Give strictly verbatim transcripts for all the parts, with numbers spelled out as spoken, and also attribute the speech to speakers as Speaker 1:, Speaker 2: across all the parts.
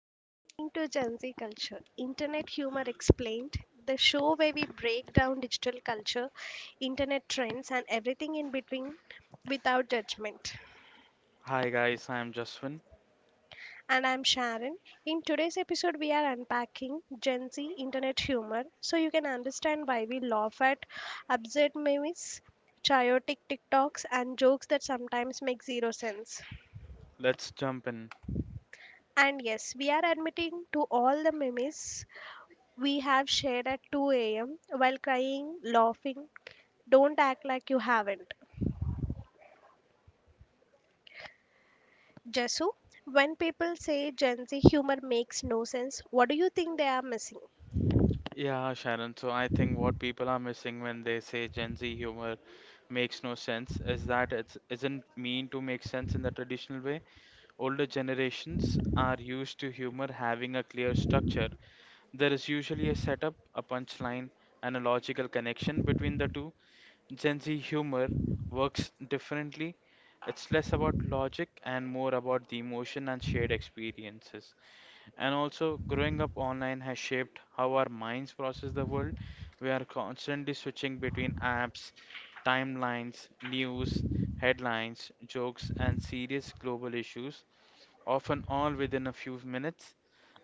Speaker 1: You're listening to Gen Z Culture, Internet Humor Explained, the show where we break down digital culture, internet trends, and everything in between without judgment.
Speaker 2: Hi guys, I'm Jaswin.
Speaker 1: And I'm Sharon. In today's episode, we are unpacking Gen Z internet humor so you can understand why we laugh at absurd memes, chaotic TikToks, and jokes that sometimes make zero sense.
Speaker 2: Let's jump in.
Speaker 1: And yes, we are admitting to all the memes we have shared at two a m while crying, laughing. Don't act like you haven't. Jasu, when people say Gen Z humor makes no sense, what do you think they are missing?
Speaker 2: Yeah, Sharon, so I think what people are missing when they say Gen Z humor makes no sense is that it isn't mean to make sense in the traditional way. Older generations are used to humor having a clear structure. There is usually a setup, a punchline, and a logical connection between the two. Gen Z humor works differently. It's less about logic and more about the emotion and shared experiences. And also, growing up online has shaped how our minds process the world. We are constantly switching between apps, timelines, news, headlines, jokes, and serious global issues, often all within a few minutes.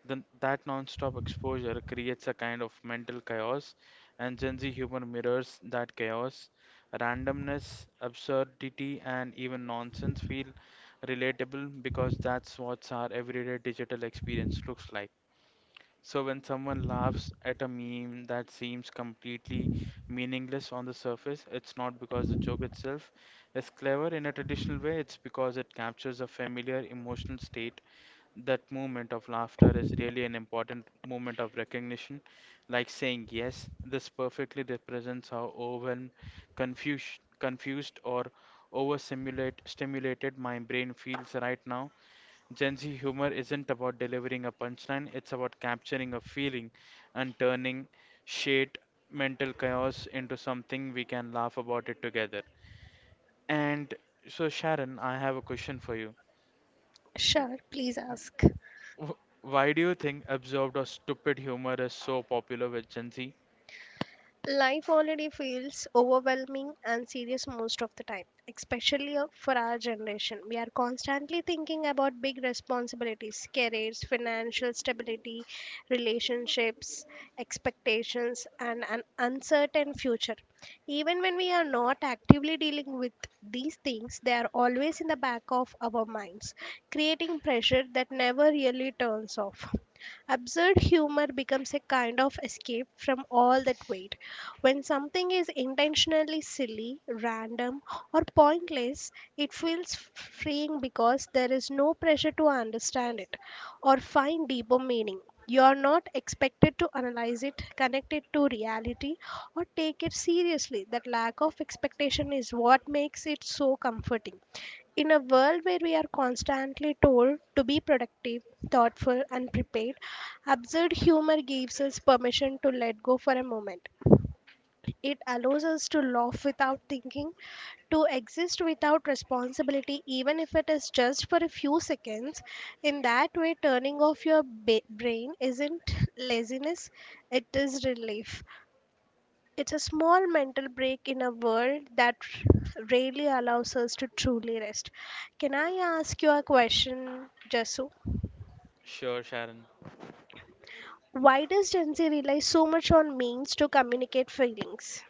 Speaker 2: Then that non-stop exposure creates a kind of mental chaos, and Gen Z humor mirrors that chaos. Randomness, absurdity, and even nonsense feel relatable because that's what our everyday digital experience looks like. So when someone laughs at a meme that seems completely meaningless on the surface, it's not because the joke itself is clever in a traditional way, it's because it captures a familiar emotional state. That moment of laughter is really an important moment of recognition, like saying yes, this perfectly represents how overwhelmed, confused, confused or overstimulated stimulated my brain feels right now. Gen Z humor isn't about delivering a punchline, it's about capturing a feeling and turning shade mental chaos into something we can laugh about it together. And so, Sharon, I have a question for you.
Speaker 1: Sure, please ask.
Speaker 2: Wh- Why do you think absurd or stupid humor is so popular with Gen Z?
Speaker 1: Life already feels overwhelming and serious most of the time, especially uh, for our generation. We are constantly thinking about big responsibilities, careers, financial stability, relationships, expectations, and an uncertain future. Even when we are not actively dealing with these things, they are always in the back of our minds, creating pressure that never really turns off. Absurd humor becomes a kind of escape from all that weight. When something is intentionally silly, random, or pointless, it feels freeing because there is no pressure to understand it or find deeper meaning. You are not expected to analyze it, connect it to reality, or take it seriously. That lack of expectation is what makes it so comforting. In a world where we are constantly told to be productive, thoughtful, and prepared, absurd humor gives us permission to let go for a moment. It allows us to laugh without thinking, to exist without responsibility, even if it is just for a few seconds. In that way, turning off your ba- brain isn't laziness, it is relief. It's a small mental break in a world that r- rarely allows us to truly rest. Can I ask you a question, Jasu?
Speaker 2: Sure, Sharon.
Speaker 1: Why does Gen Z rely so much on memes to communicate feelings?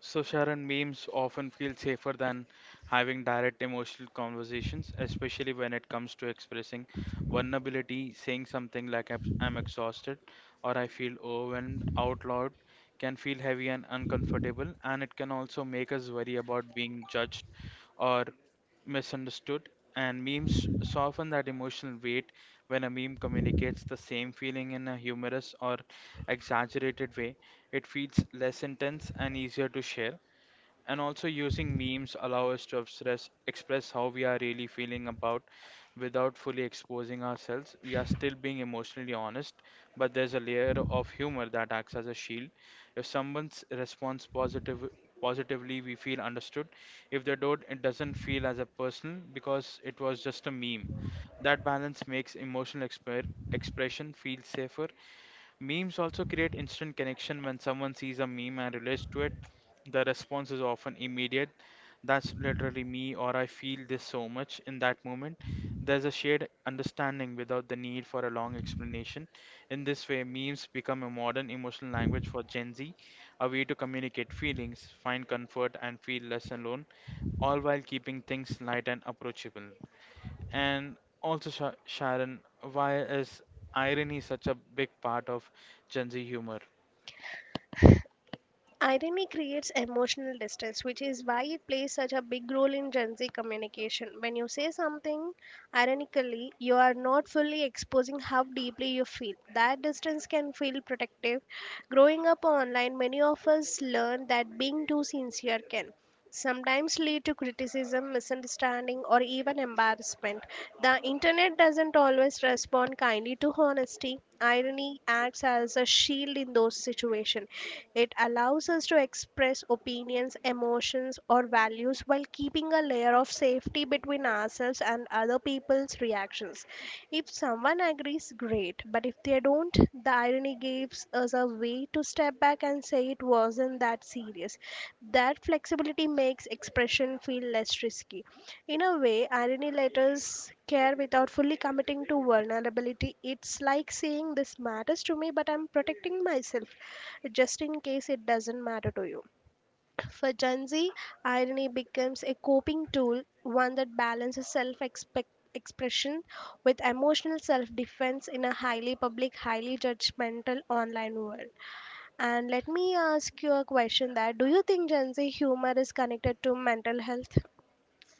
Speaker 2: So, Sharon, memes often feel safer than having direct emotional conversations, especially when it comes to expressing vulnerability. Saying something like "I'm I'm exhausted" or "I feel overwhelmed" out loud can feel heavy and uncomfortable, and it can also make us worry about being judged or misunderstood. And memes soften that emotional weight when a meme communicates the same feeling in a humorous or exaggerated way it feels less intense and easier to share. And also using memes allow us to express express how we are really feeling about without fully exposing ourselves. We are still being emotionally honest, but there's a layer of humor that acts as a shield. If someone responds positive positively, we feel understood. If they don't, it doesn't feel as a personal because it was just a meme. That balance makes emotional exper- expression feel safer. Memes also create instant connection when someone sees a meme and relates to it. The response is often immediate. That's literally me, or I feel this so much in that moment. There's a shared understanding without the need for a long explanation. In this way, memes become a modern emotional language for Gen Z, a way to communicate feelings, find comfort, and feel less alone, all while keeping things light and approachable. And also, Sha Sharon, why is irony such a big part of Gen Z humor?
Speaker 1: Irony creates emotional distance, which is why it plays such a big role in Gen Z communication. When you say something ironically, you are not fully exposing how deeply you feel. That distance can feel protective. Growing up online, many of us learn that being too sincere can sometimes lead to criticism, misunderstanding, or even embarrassment. The internet doesn't always respond kindly to honesty. Irony acts as a shield in those situations. It allows us to express opinions, emotions, or values while while keeping a layer of safety between ourselves and other people's reactions. If someone agrees, great, but if they don't, the irony gives us a way to step back and say it wasn't that serious. That flexibility makes expression feel less risky. In a way, irony let us care without fully committing to vulnerability. It's like saying this matters to me, but I'm protecting myself just in case it doesn't matter to you. For Gen Z, irony becomes a coping tool, one that balances self expression with emotional self defense in a highly public, highly judgmental online world. And let me ask you a question that do you think Gen Z humor is connected to mental health?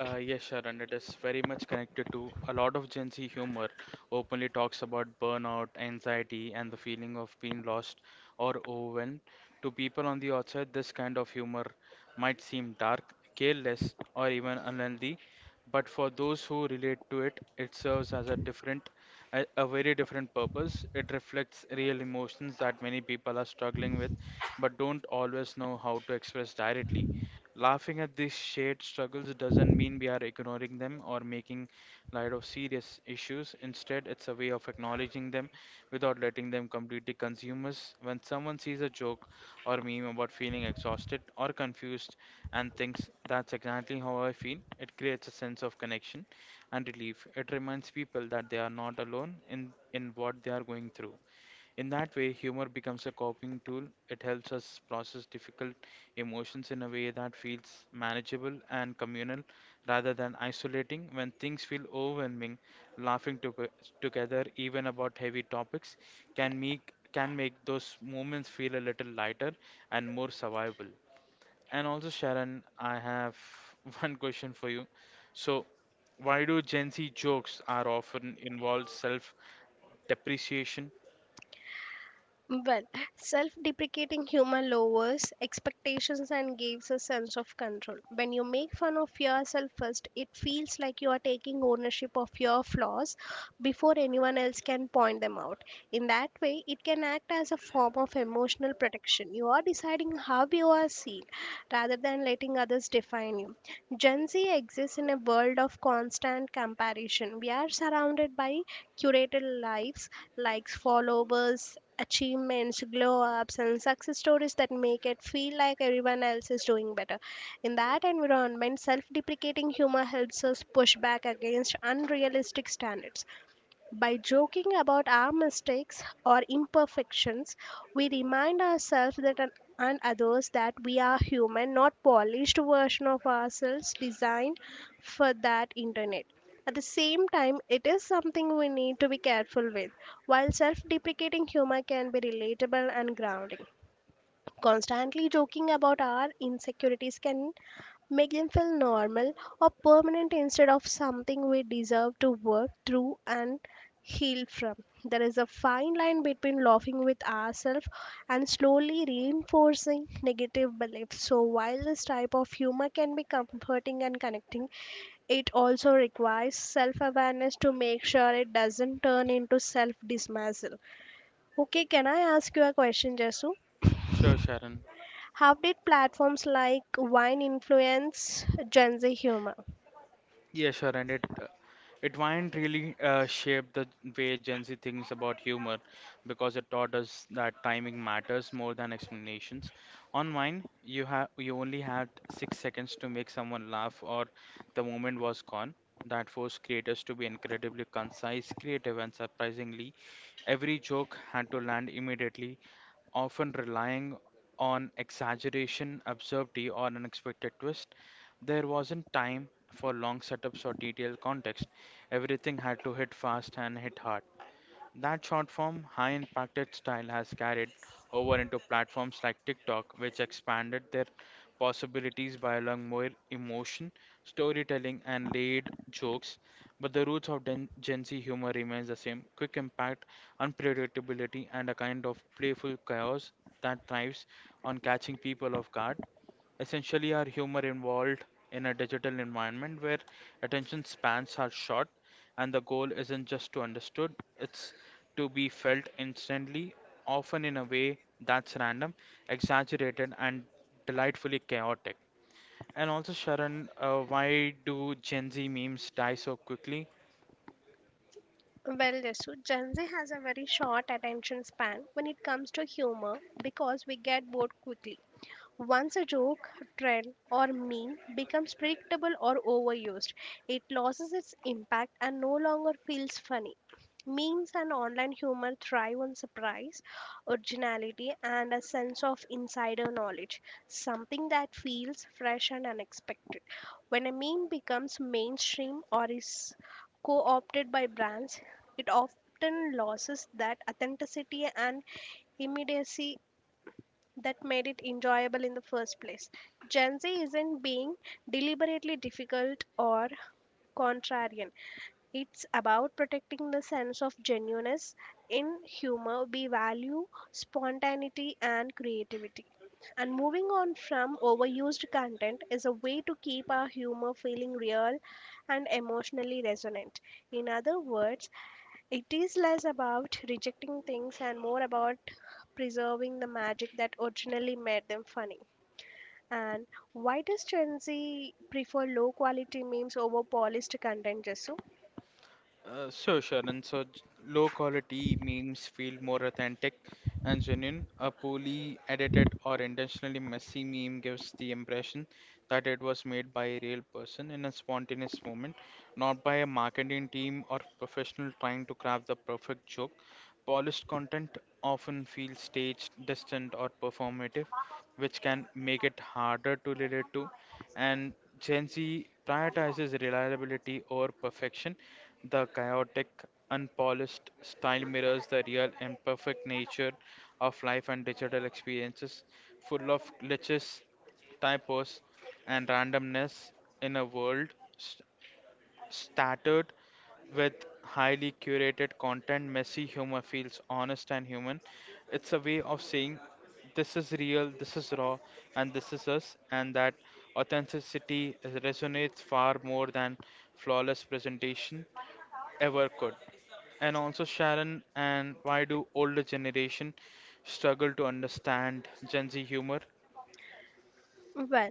Speaker 2: Uh, yes, Sharon, it is very much connected to a lot of Gen Z humor openly talks about burnout, anxiety, and the feeling of being lost or overwhelmed. To people on the outside, this kind of humor might seem dark, careless, or even unhealthy, but for those who relate to it, it serves as a different, a, a very different purpose. It reflects real emotions that many people are struggling with, but don't always know how to express directly. Laughing at these shared struggles doesn't mean we are ignoring them or making light of serious issues. Instead, it's a way of acknowledging them without letting them completely consume us. When someone sees a joke or meme about feeling exhausted or confused and thinks that's exactly how I feel, it creates a sense of connection and relief. It reminds people that they are not alone in, in what they are going through. In that way, humor becomes a coping tool. It helps us process difficult emotions in a way that feels manageable and communal rather than isolating. When things feel overwhelming, laughing to- together, even about heavy topics, can make can make those moments feel a little lighter and more survivable. And also, Sharon, I have one question for you. So, why do Gen Z jokes are often involve self-depreciation?
Speaker 1: Well, self deprecating humor lowers expectations and gives a sense of control. When you make fun of yourself first, it feels like you are taking ownership of your flaws before anyone else can point them out. In that way, it can act as a form of emotional protection. You are deciding how you are seen rather than letting others define you. Gen Z exists in a world of constant comparison. We are surrounded by curated lives, likes, followers, achievements, glow ups, and success stories that make it feel like everyone else is doing better. In that environment, self deprecating humor helps us push back against unrealistic standards. By joking about our mistakes or imperfections, we remind ourselves that an- and others that we are human, not polished version of ourselves designed for that internet. At the same time, it is something we need to be careful with. While self deprecating humor can be relatable and grounding, constantly joking about our insecurities can make them feel normal or permanent instead of something we deserve to work through and heal from. There is a fine line between laughing with ourselves and slowly reinforcing negative beliefs. So, while this type of humor can be comforting and connecting, it also requires self awareness to make sure it doesn't turn into self dismissal. Okay, can I ask you a question, Jesu?
Speaker 2: Sure, Sharon.
Speaker 1: How did platforms like Vine influence Gen Z humor?
Speaker 2: Yeah, sure, and it uh, it Wind really uh, shaped the way Gen Z thinks about humor because it taught us that timing matters more than explanations. On Vine, you have you only had six seconds to make someone laugh, or the moment was gone. That forced creators to be incredibly concise, creative, and surprisingly, every joke had to land immediately, often relying on exaggeration, absurdity, or unexpected twist. There wasn't time for long setups or detailed context. Everything had to hit fast and hit hard. That short form, high impacted style has carried over into platforms like TikTok, which expanded their possibilities by allowing more emotion, storytelling, and laid jokes. But the roots of Gen Gen Z humor remains the same quick impact, unpredictability, and a kind of playful chaos that thrives on catching people off guard. Essentially, our humor involved in a digital environment where attention spans are short and the goal isn't just to understood, it's to be felt instantly, often in a way that's random, exaggerated, and delightfully chaotic. And also, Sharon, uh, why do Gen Z memes die so quickly?
Speaker 1: Well, Desu, Gen Z has a very short attention span when it comes to humor because we get bored quickly. Once a joke, trend, or meme becomes predictable or overused, it loses its impact and no longer feels funny. Memes and online humor thrive on surprise, originality, and a sense of insider knowledge, something that feels fresh and unexpected. When a meme becomes mainstream or is co opted by brands, it often loses that authenticity and immediacy that made it enjoyable in the first place. Gen Z isn't being deliberately difficult or contrarian. It's about protecting the sense of genuineness in humor. We value spontaneity and creativity. And moving on from overused content is a way to keep our humor feeling real and emotionally resonant. In other words, it is less about rejecting things and more about preserving the magic that originally made them funny. And why does Gen Z prefer low quality memes over polished content, Jesu?
Speaker 2: Uh, sure, Sharan. So, j- low quality memes feel more authentic and genuine. A poorly edited or intentionally messy meme gives the impression that it was made by a real person in a spontaneous moment, not by a marketing team or professional trying to craft the perfect joke. Polished content often feels staged, distant, or performative, which can make it harder to relate to. And Gen Z prioritizes reliability over perfection the chaotic, unpolished style mirrors the real and perfect nature of life and digital experiences, full of glitches, typos, and randomness in a world st- started with highly curated content. Messy humor feels honest and human. It's a way of saying this is real, this is raw, and this is us, and that authenticity resonates far more than flawless presentation ever could. And also, Sharon, and why do older generation struggle to understand Gen Z humor?
Speaker 1: Well,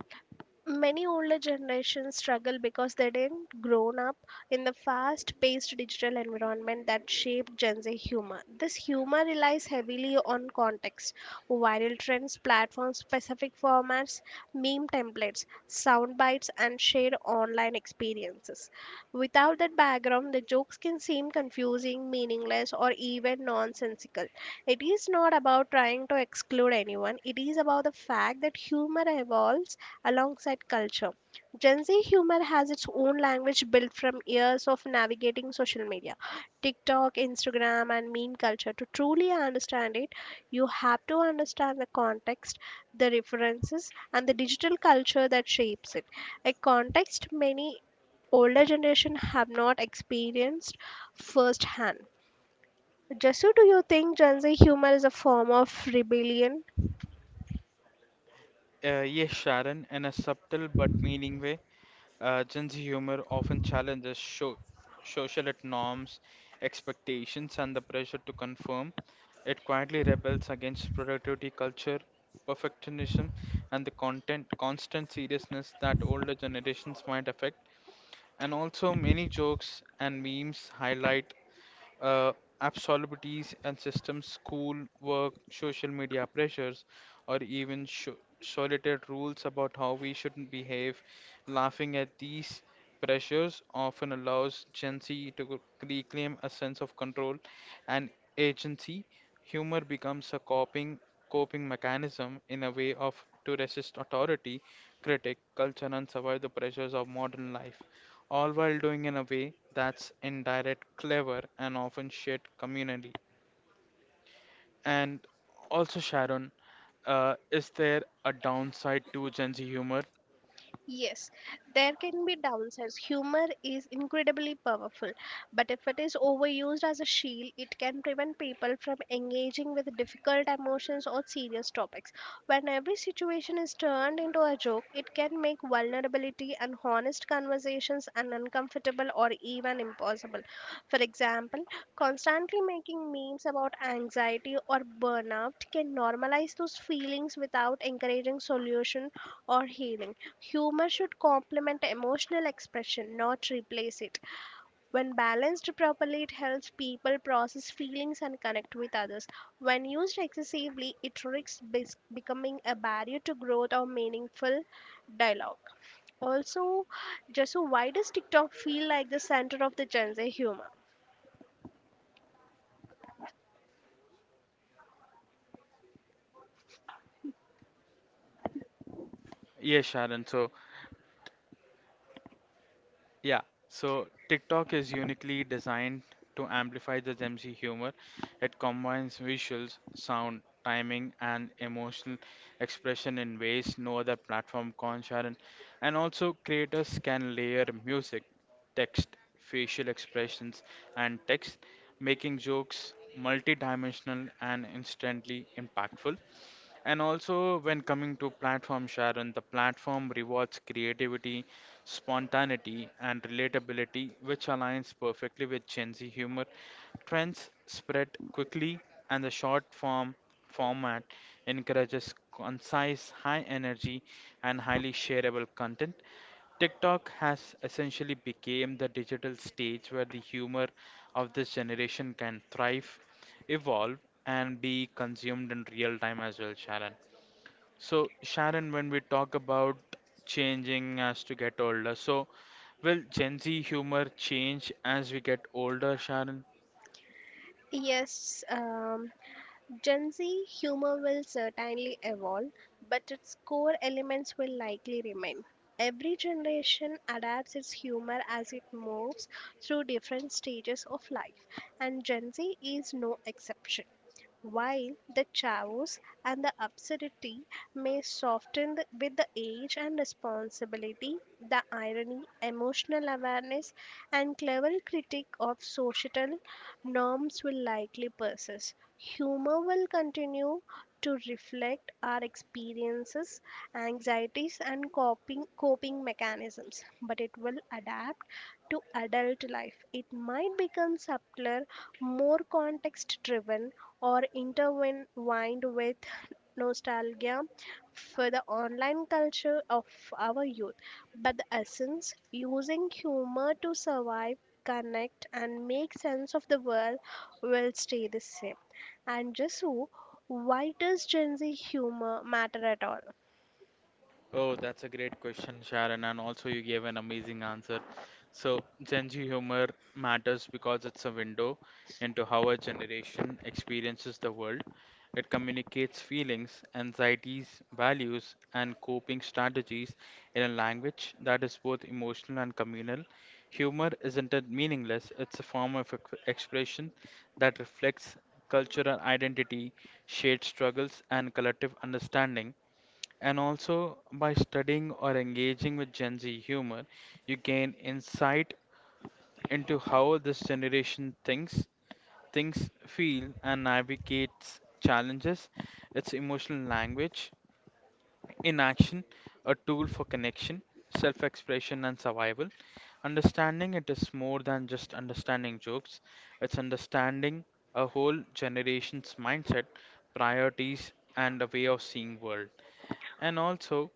Speaker 1: many older generations struggle because they didn't grown up in the fast-paced digital environment that shaped Gen Z humor. This humor relies heavily on context, viral trends, platform-specific formats, meme templates, sound bites, and shared online experiences. Without that background, the jokes can seem confusing, meaningless, or even nonsensical. It is not about trying to exclude anyone. It is about the fact that humor evolves alongside culture. Gen Z humor has its own language built from years of navigating social media, TikTok, Instagram, and meme culture. To truly understand it, you have to understand the context, the references, and the digital culture that shapes it. A context many older generation have not experienced firsthand. Jasu, do you think Gen Z humor is a form of rebellion?
Speaker 2: Uh, yes, Sharon, in a subtle but meaning way, uh, Gen Z humor often challenges sho social norms, expectations, and the pressure to conform. It quietly rebels against productivity culture, perfectionism, and the content constant seriousness that older generations might affect. And also, many jokes and memes highlight uh, absolutes and systems, school, work, social media pressures, or even sho solitary rules about how we shouldn't behave. Laughing at these pressures often allows Gen Z to reclaim a sense of control and agency. Humor becomes a coping coping mechanism in a way of to resist authority, critic, culture, and survive the pressures of modern life all while doing in a way that's indirect, clever, and often shared communally. And also, Sharon, uh, is there a downside to Gen Z humor?
Speaker 1: Yes, there can be downsides. Humor is incredibly powerful, but if it is overused as a shield, it can prevent people from engaging with difficult emotions or serious topics. When every situation is turned into a joke, it can make vulnerability and honest conversations an uncomfortable or even impossible. For example, constantly making memes about anxiety or burnout can normalize those feelings without encouraging solution or healing. Humor should complement emotional expression, not replace it. When balanced properly, it helps people process feelings and connect with others. When used excessively, it risks bes- becoming a barrier to growth or meaningful dialogue. Also, just why does TikTok feel like the center of the Gen Z humor?
Speaker 2: Yes, Sharon. So, Yeah, so TikTok is uniquely designed to amplify the Gen Z humor. It combines visuals, sound, timing, and emotional expression in ways no other platform can, Sharon. And also, creators can layer music, text, facial expressions, and text, making jokes multi-dimensional and instantly impactful. And also, when coming to platform, Sharon, the platform rewards creativity, spontaneity, and relatability, which aligns perfectly with Gen Z humor. Trends spread quickly, and the short form format encourages concise, high energy, and highly shareable content. TikTok has essentially become the digital stage where the humor of this generation can thrive, evolve, and be consumed in real time as well, Sharon. So, Sharon, when we talk about changing as to get older, so will Gen Z humor change as we get older, Sharon?
Speaker 1: Yes, um, Gen Z humor will certainly evolve, but its core elements will likely remain. Every generation adapts its humor as it moves through different stages of life, and Gen Z is no exception. While the chaos and the absurdity may soften the- with the age and responsibility, the irony, emotional awareness, and clever critique of societal norms will likely persist. Humor will continue to reflect our experiences, anxieties, and coping, coping mechanisms, but it will adapt to adult life. It might become subtler, more context driven, or intertwined with nostalgia for the online culture of our youth, but the essence using humor to survive, connect, and make sense of the world will stay the same. And just so, why does Gen Z humor matter at all?
Speaker 2: Oh, that's a great question, Sharon, and also you gave an amazing answer. So, Gen Z humor matters because it's a window into how a generation experiences the world. It communicates feelings, anxieties, values, and coping strategies in a language that is both emotional and communal. Humor isn't it meaningless, it's a form of ex- expression that reflects cultural identity, shared struggles, and collective understanding. And also, by studying or engaging with Gen Z humor, you gain insight into how this generation thinks, thinks, feel, and navigates challenges. Its emotional language, in action, a tool for connection, self expression, and survival. Understanding it is more than just understanding jokes, it's understanding a whole generation's mindset, priorities, and a way of seeing world. And also,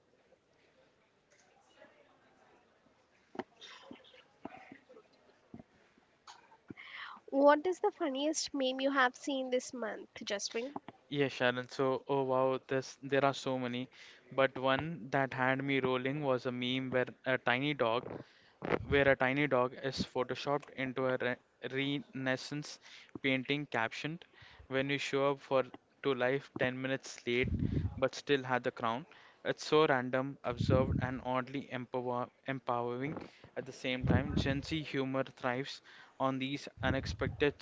Speaker 1: What is the funniest meme you have seen this month, Jasmine?
Speaker 2: Yeah, Sharon. So, oh wow, this there are so many, but one that had me rolling was a meme where a tiny dog where a tiny dog is photoshopped into a re- Renaissance painting captioned, When you show up for to life ten minutes late but still had the crown. It's so random, absurd, and oddly empower- empowering at the same time. Gen Z humor thrives on these unexpected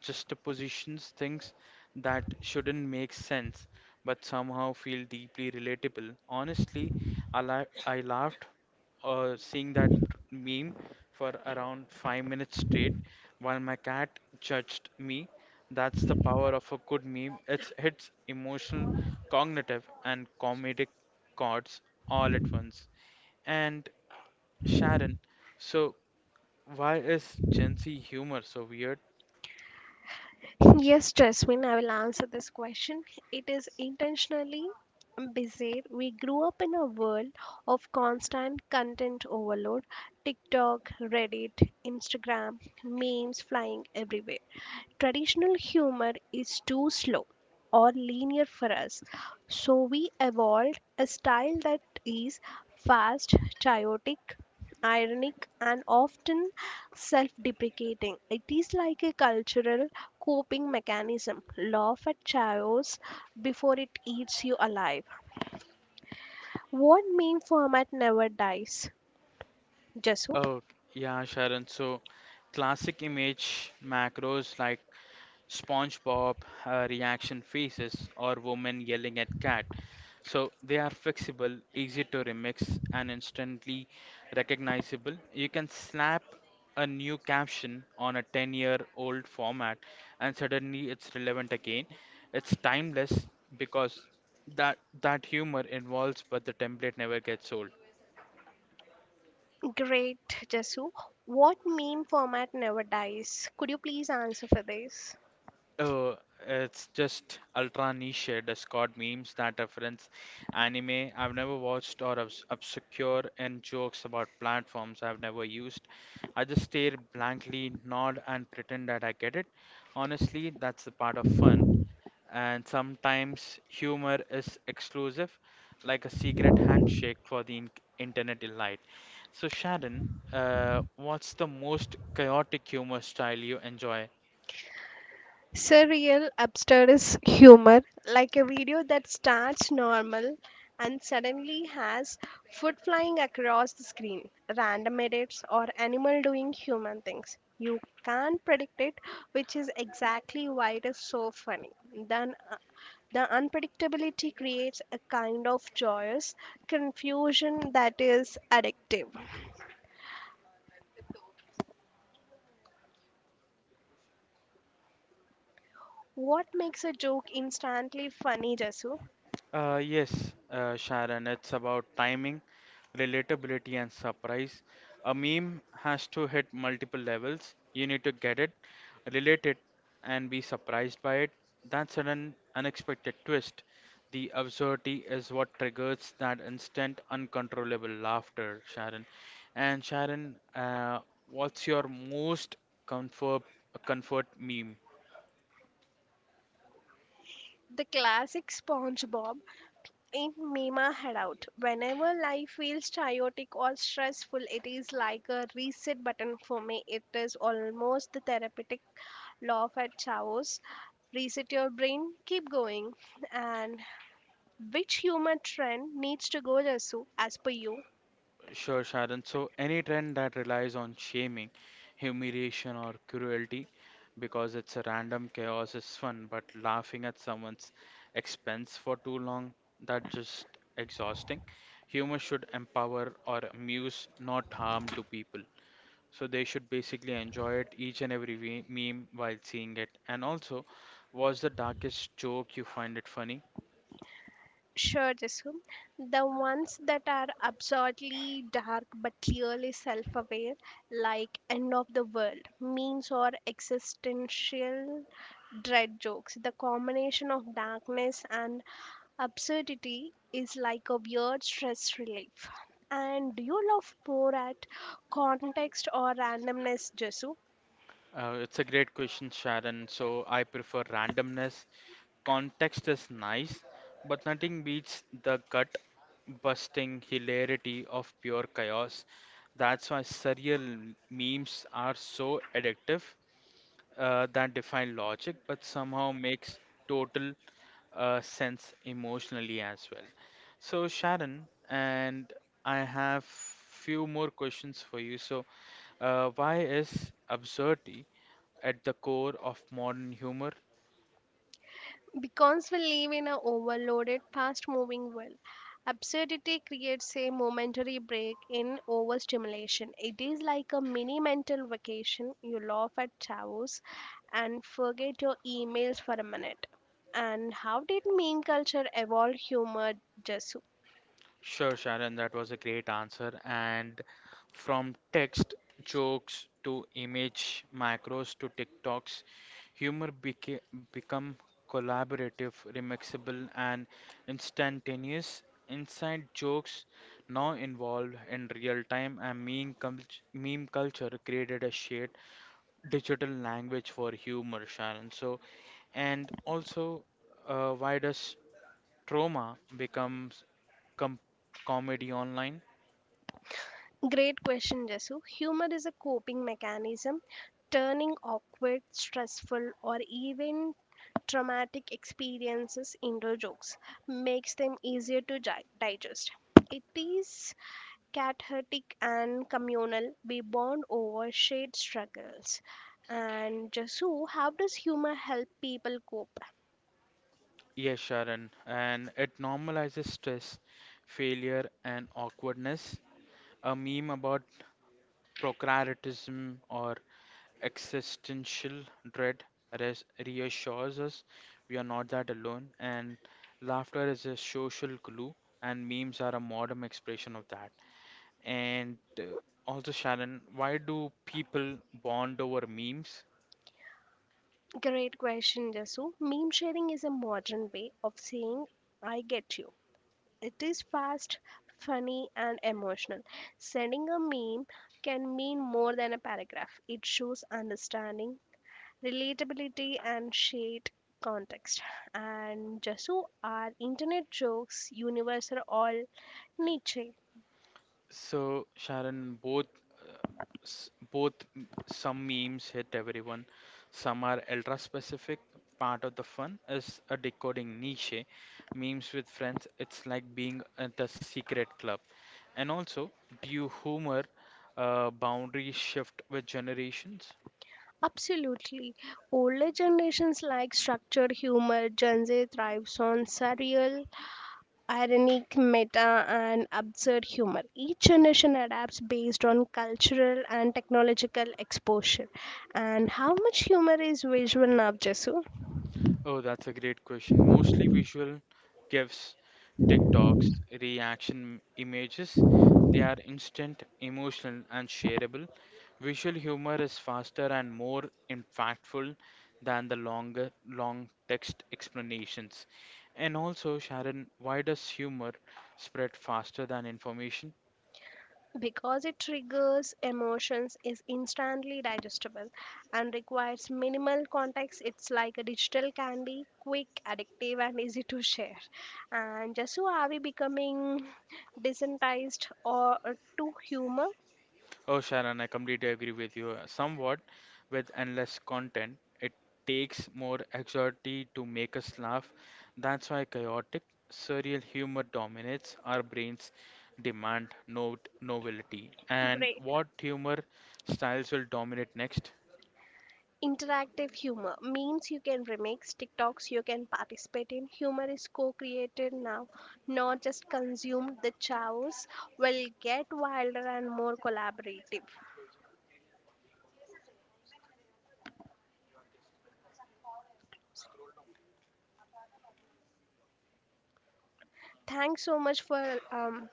Speaker 2: juxtapositions, things that shouldn't make sense but somehow feel deeply relatable. Honestly, I, la- I laughed uh, seeing that meme for around five minutes straight while my cat judged me. That's the power of a good meme. It's hits emotional, cognitive, and comedic chords all at once. And Sharon, so why is Gen Z humor so weird?
Speaker 1: Yes, Jasmine, I will answer this question. It is intentionally bizarre. We grew up in a world of constant content overload TikTok, Reddit, Instagram, memes flying everywhere. Traditional humor is too slow or linear for us. So we evolved a style that is fast, chaotic, ironic, and often self deprecating. It is like a cultural coping mechanism. Laugh at chaos before it eats you alive. What meme format never dies? Jasu?
Speaker 2: Oh, yeah, Sharon. So classic image macros like SpongeBob, uh, reaction faces, or woman yelling at cat. So they are flexible, easy to remix, and instantly recognizable. You can slap a new caption on a ten year old format, and suddenly it's relevant again. It's timeless because that that humor evolves, but the template never gets old.
Speaker 1: Great, Jasu. What meme format never dies? Could you please answer for this?
Speaker 2: Oh, it's just ultra niche Discord memes that reference anime I've never watched or obs obscure and jokes about platforms I've never used. I just stare blankly, nod, and pretend that I get it. Honestly, that's the part of fun. And sometimes humor is exclusive, like a secret handshake for the in internet elite. So, Sharon, uh, what's the most chaotic humor style you enjoy?
Speaker 1: Surreal, absurdist humor, like a video that starts normal and suddenly has food flying across the screen, random edits, or animal doing human things. You can't predict it, which is exactly why it is so funny. Then, uh, the unpredictability creates a kind of joyous confusion that is addictive. What makes a joke instantly funny, Jasu?
Speaker 2: Uh, yes, uh, Sharon, it's about timing, relatability, and surprise. A meme has to hit multiple levels. You need to get it, relate it, and be surprised by it. That sudden, unexpected twist. The absurdity is what triggers that instant, uncontrollable laughter, Sharon. And Sharon, uh, what's your most comfort comfort meme?
Speaker 1: The classic SpongeBob in Mima Headout. Whenever life feels chaotic or stressful, it is like a reset button for me. It is almost the therapeutic law of at Chaos. Reset your brain, keep going. And which humor trend needs to go, Jasu, as per you?
Speaker 2: Sure, Sharon. So, any trend that relies on shaming, humiliation, or cruelty because it's a random chaos is fun, but laughing at someone's expense for too long, that's just exhausting. Humor should empower or amuse, not harm to people. So, they should basically enjoy it each and every we- meme while seeing it. And also, what's the darkest joke you find it funny?
Speaker 1: Sure, Jasu. The ones that are absurdly dark but clearly self aware, like end of the world memes or existential dread jokes. The combination of darkness and absurdity is like a weird stress relief. And do you love more at context or randomness, Jesu?
Speaker 2: Uh, it's a great question, Sharon. So I prefer randomness. Context is nice, but nothing beats the gut busting hilarity of pure chaos. That's why surreal memes are so addictive, uh, that define logic but somehow makes total, uh, sense emotionally as well. So Sharon, and I have few more questions for you. So uh, why is absurdity at the core of modern humor?
Speaker 1: Because we live in an overloaded, fast moving world, absurdity creates a momentary break in overstimulation. It is like a mini mental vacation. You laugh at chaos and forget your emails for a minute. And how did meme culture evolve humor, Jasu?
Speaker 2: Sure, Sharon, that was a great answer. And from text jokes to image macros to TikToks, humor beca- become collaborative, remixable, and instantaneous. Inside jokes now involved in real time, and meme, cult- meme culture created a shared digital language for humor, Sharon. So, and also, uh, why does Trauma becomes com- comedy online.
Speaker 1: Great question, Jasu. Humor is a coping mechanism, turning awkward, stressful, or even traumatic experiences into jokes makes them easier to gi- digest. It is cathartic and communal. We bond over shared struggles. And Jasu, how does humor help people cope?
Speaker 2: Yes, Sharon, and it normalizes stress, failure, and awkwardness. A meme about procrastination or existential dread res- reassures us we are not that alone, and laughter is a social glue, and memes are a modern expression of that. And uh, also, Sharon, why do people bond over memes?
Speaker 1: Great question, Jasu. Meme sharing is a modern way of saying I get you. It is fast, funny, and emotional. Sending a meme can mean more than a paragraph. It shows understanding, relatability and shared context. And Jasu, are internet jokes universal or niche?
Speaker 2: So, Sharon, both uh, s- both m- some memes hit everyone. Some are ultra specific. Part of the fun is a decoding niche eh? Memes with friends. It's like being at a secret club. And also, do you humor uh, boundary shift with generations?
Speaker 1: Absolutely. Older generations like structured humor. Gen Z thrives on surreal, ironic, meta, and absurd humor. Each generation adapts based on cultural and technological exposure. And how much humor is visual now, Jasu?
Speaker 2: Oh, that's a great question. Mostly visual gifs, TikToks, reaction images. They are instant, emotional, and shareable. Visual humor is faster and more impactful than the longer, long text explanations. And also, Sharon, why does humor spread faster than information?
Speaker 1: Because it triggers emotions, is instantly digestible and requires minimal context. It's like a digital candy, quick, addictive and easy to share. And just so, are we becoming desensitized or uh, to humor?
Speaker 2: Oh, Sharon, I completely agree with you. Somewhat with endless content, it takes more anxiety to make us laugh. That's why chaotic, surreal humor dominates our brains demand no novelty. And
Speaker 1: Great.
Speaker 2: what humor styles will dominate next?
Speaker 1: Interactive humor means you can remix TikToks, you can participate in humor is co-created now, not just consumed. The chows will get wilder and more collaborative. Thanks so much for um,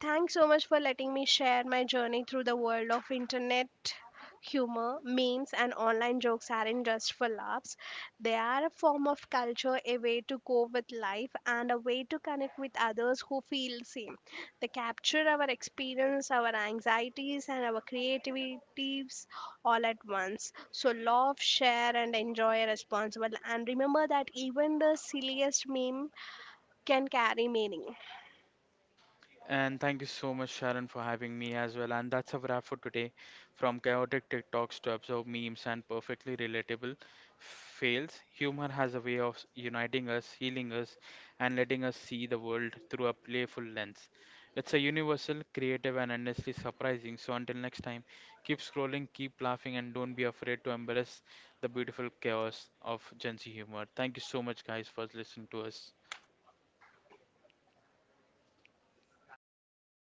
Speaker 1: thanks so much for letting me share my journey through the world of internet humor. Memes and online jokes aren't just for laughs, they are a form of culture, a way to cope with life and a way to connect with others who feel the same. They capture our experience, our anxieties and our creativities all at once. So laugh, share and enjoy responsibly and remember that even the silliest meme can carry meaning.
Speaker 2: And thank you so much, Sharon, for having me as well. And that's a wrap for today. From chaotic TikToks to absurd memes and perfectly relatable fails, humor has a way of uniting us, healing us, and letting us see the world through a playful lens. It's a universal, creative, and endlessly surprising. So until next time, keep scrolling, keep laughing, and don't be afraid to embrace the beautiful chaos of Gen Z humor. Thank you so much, guys, for listening to us.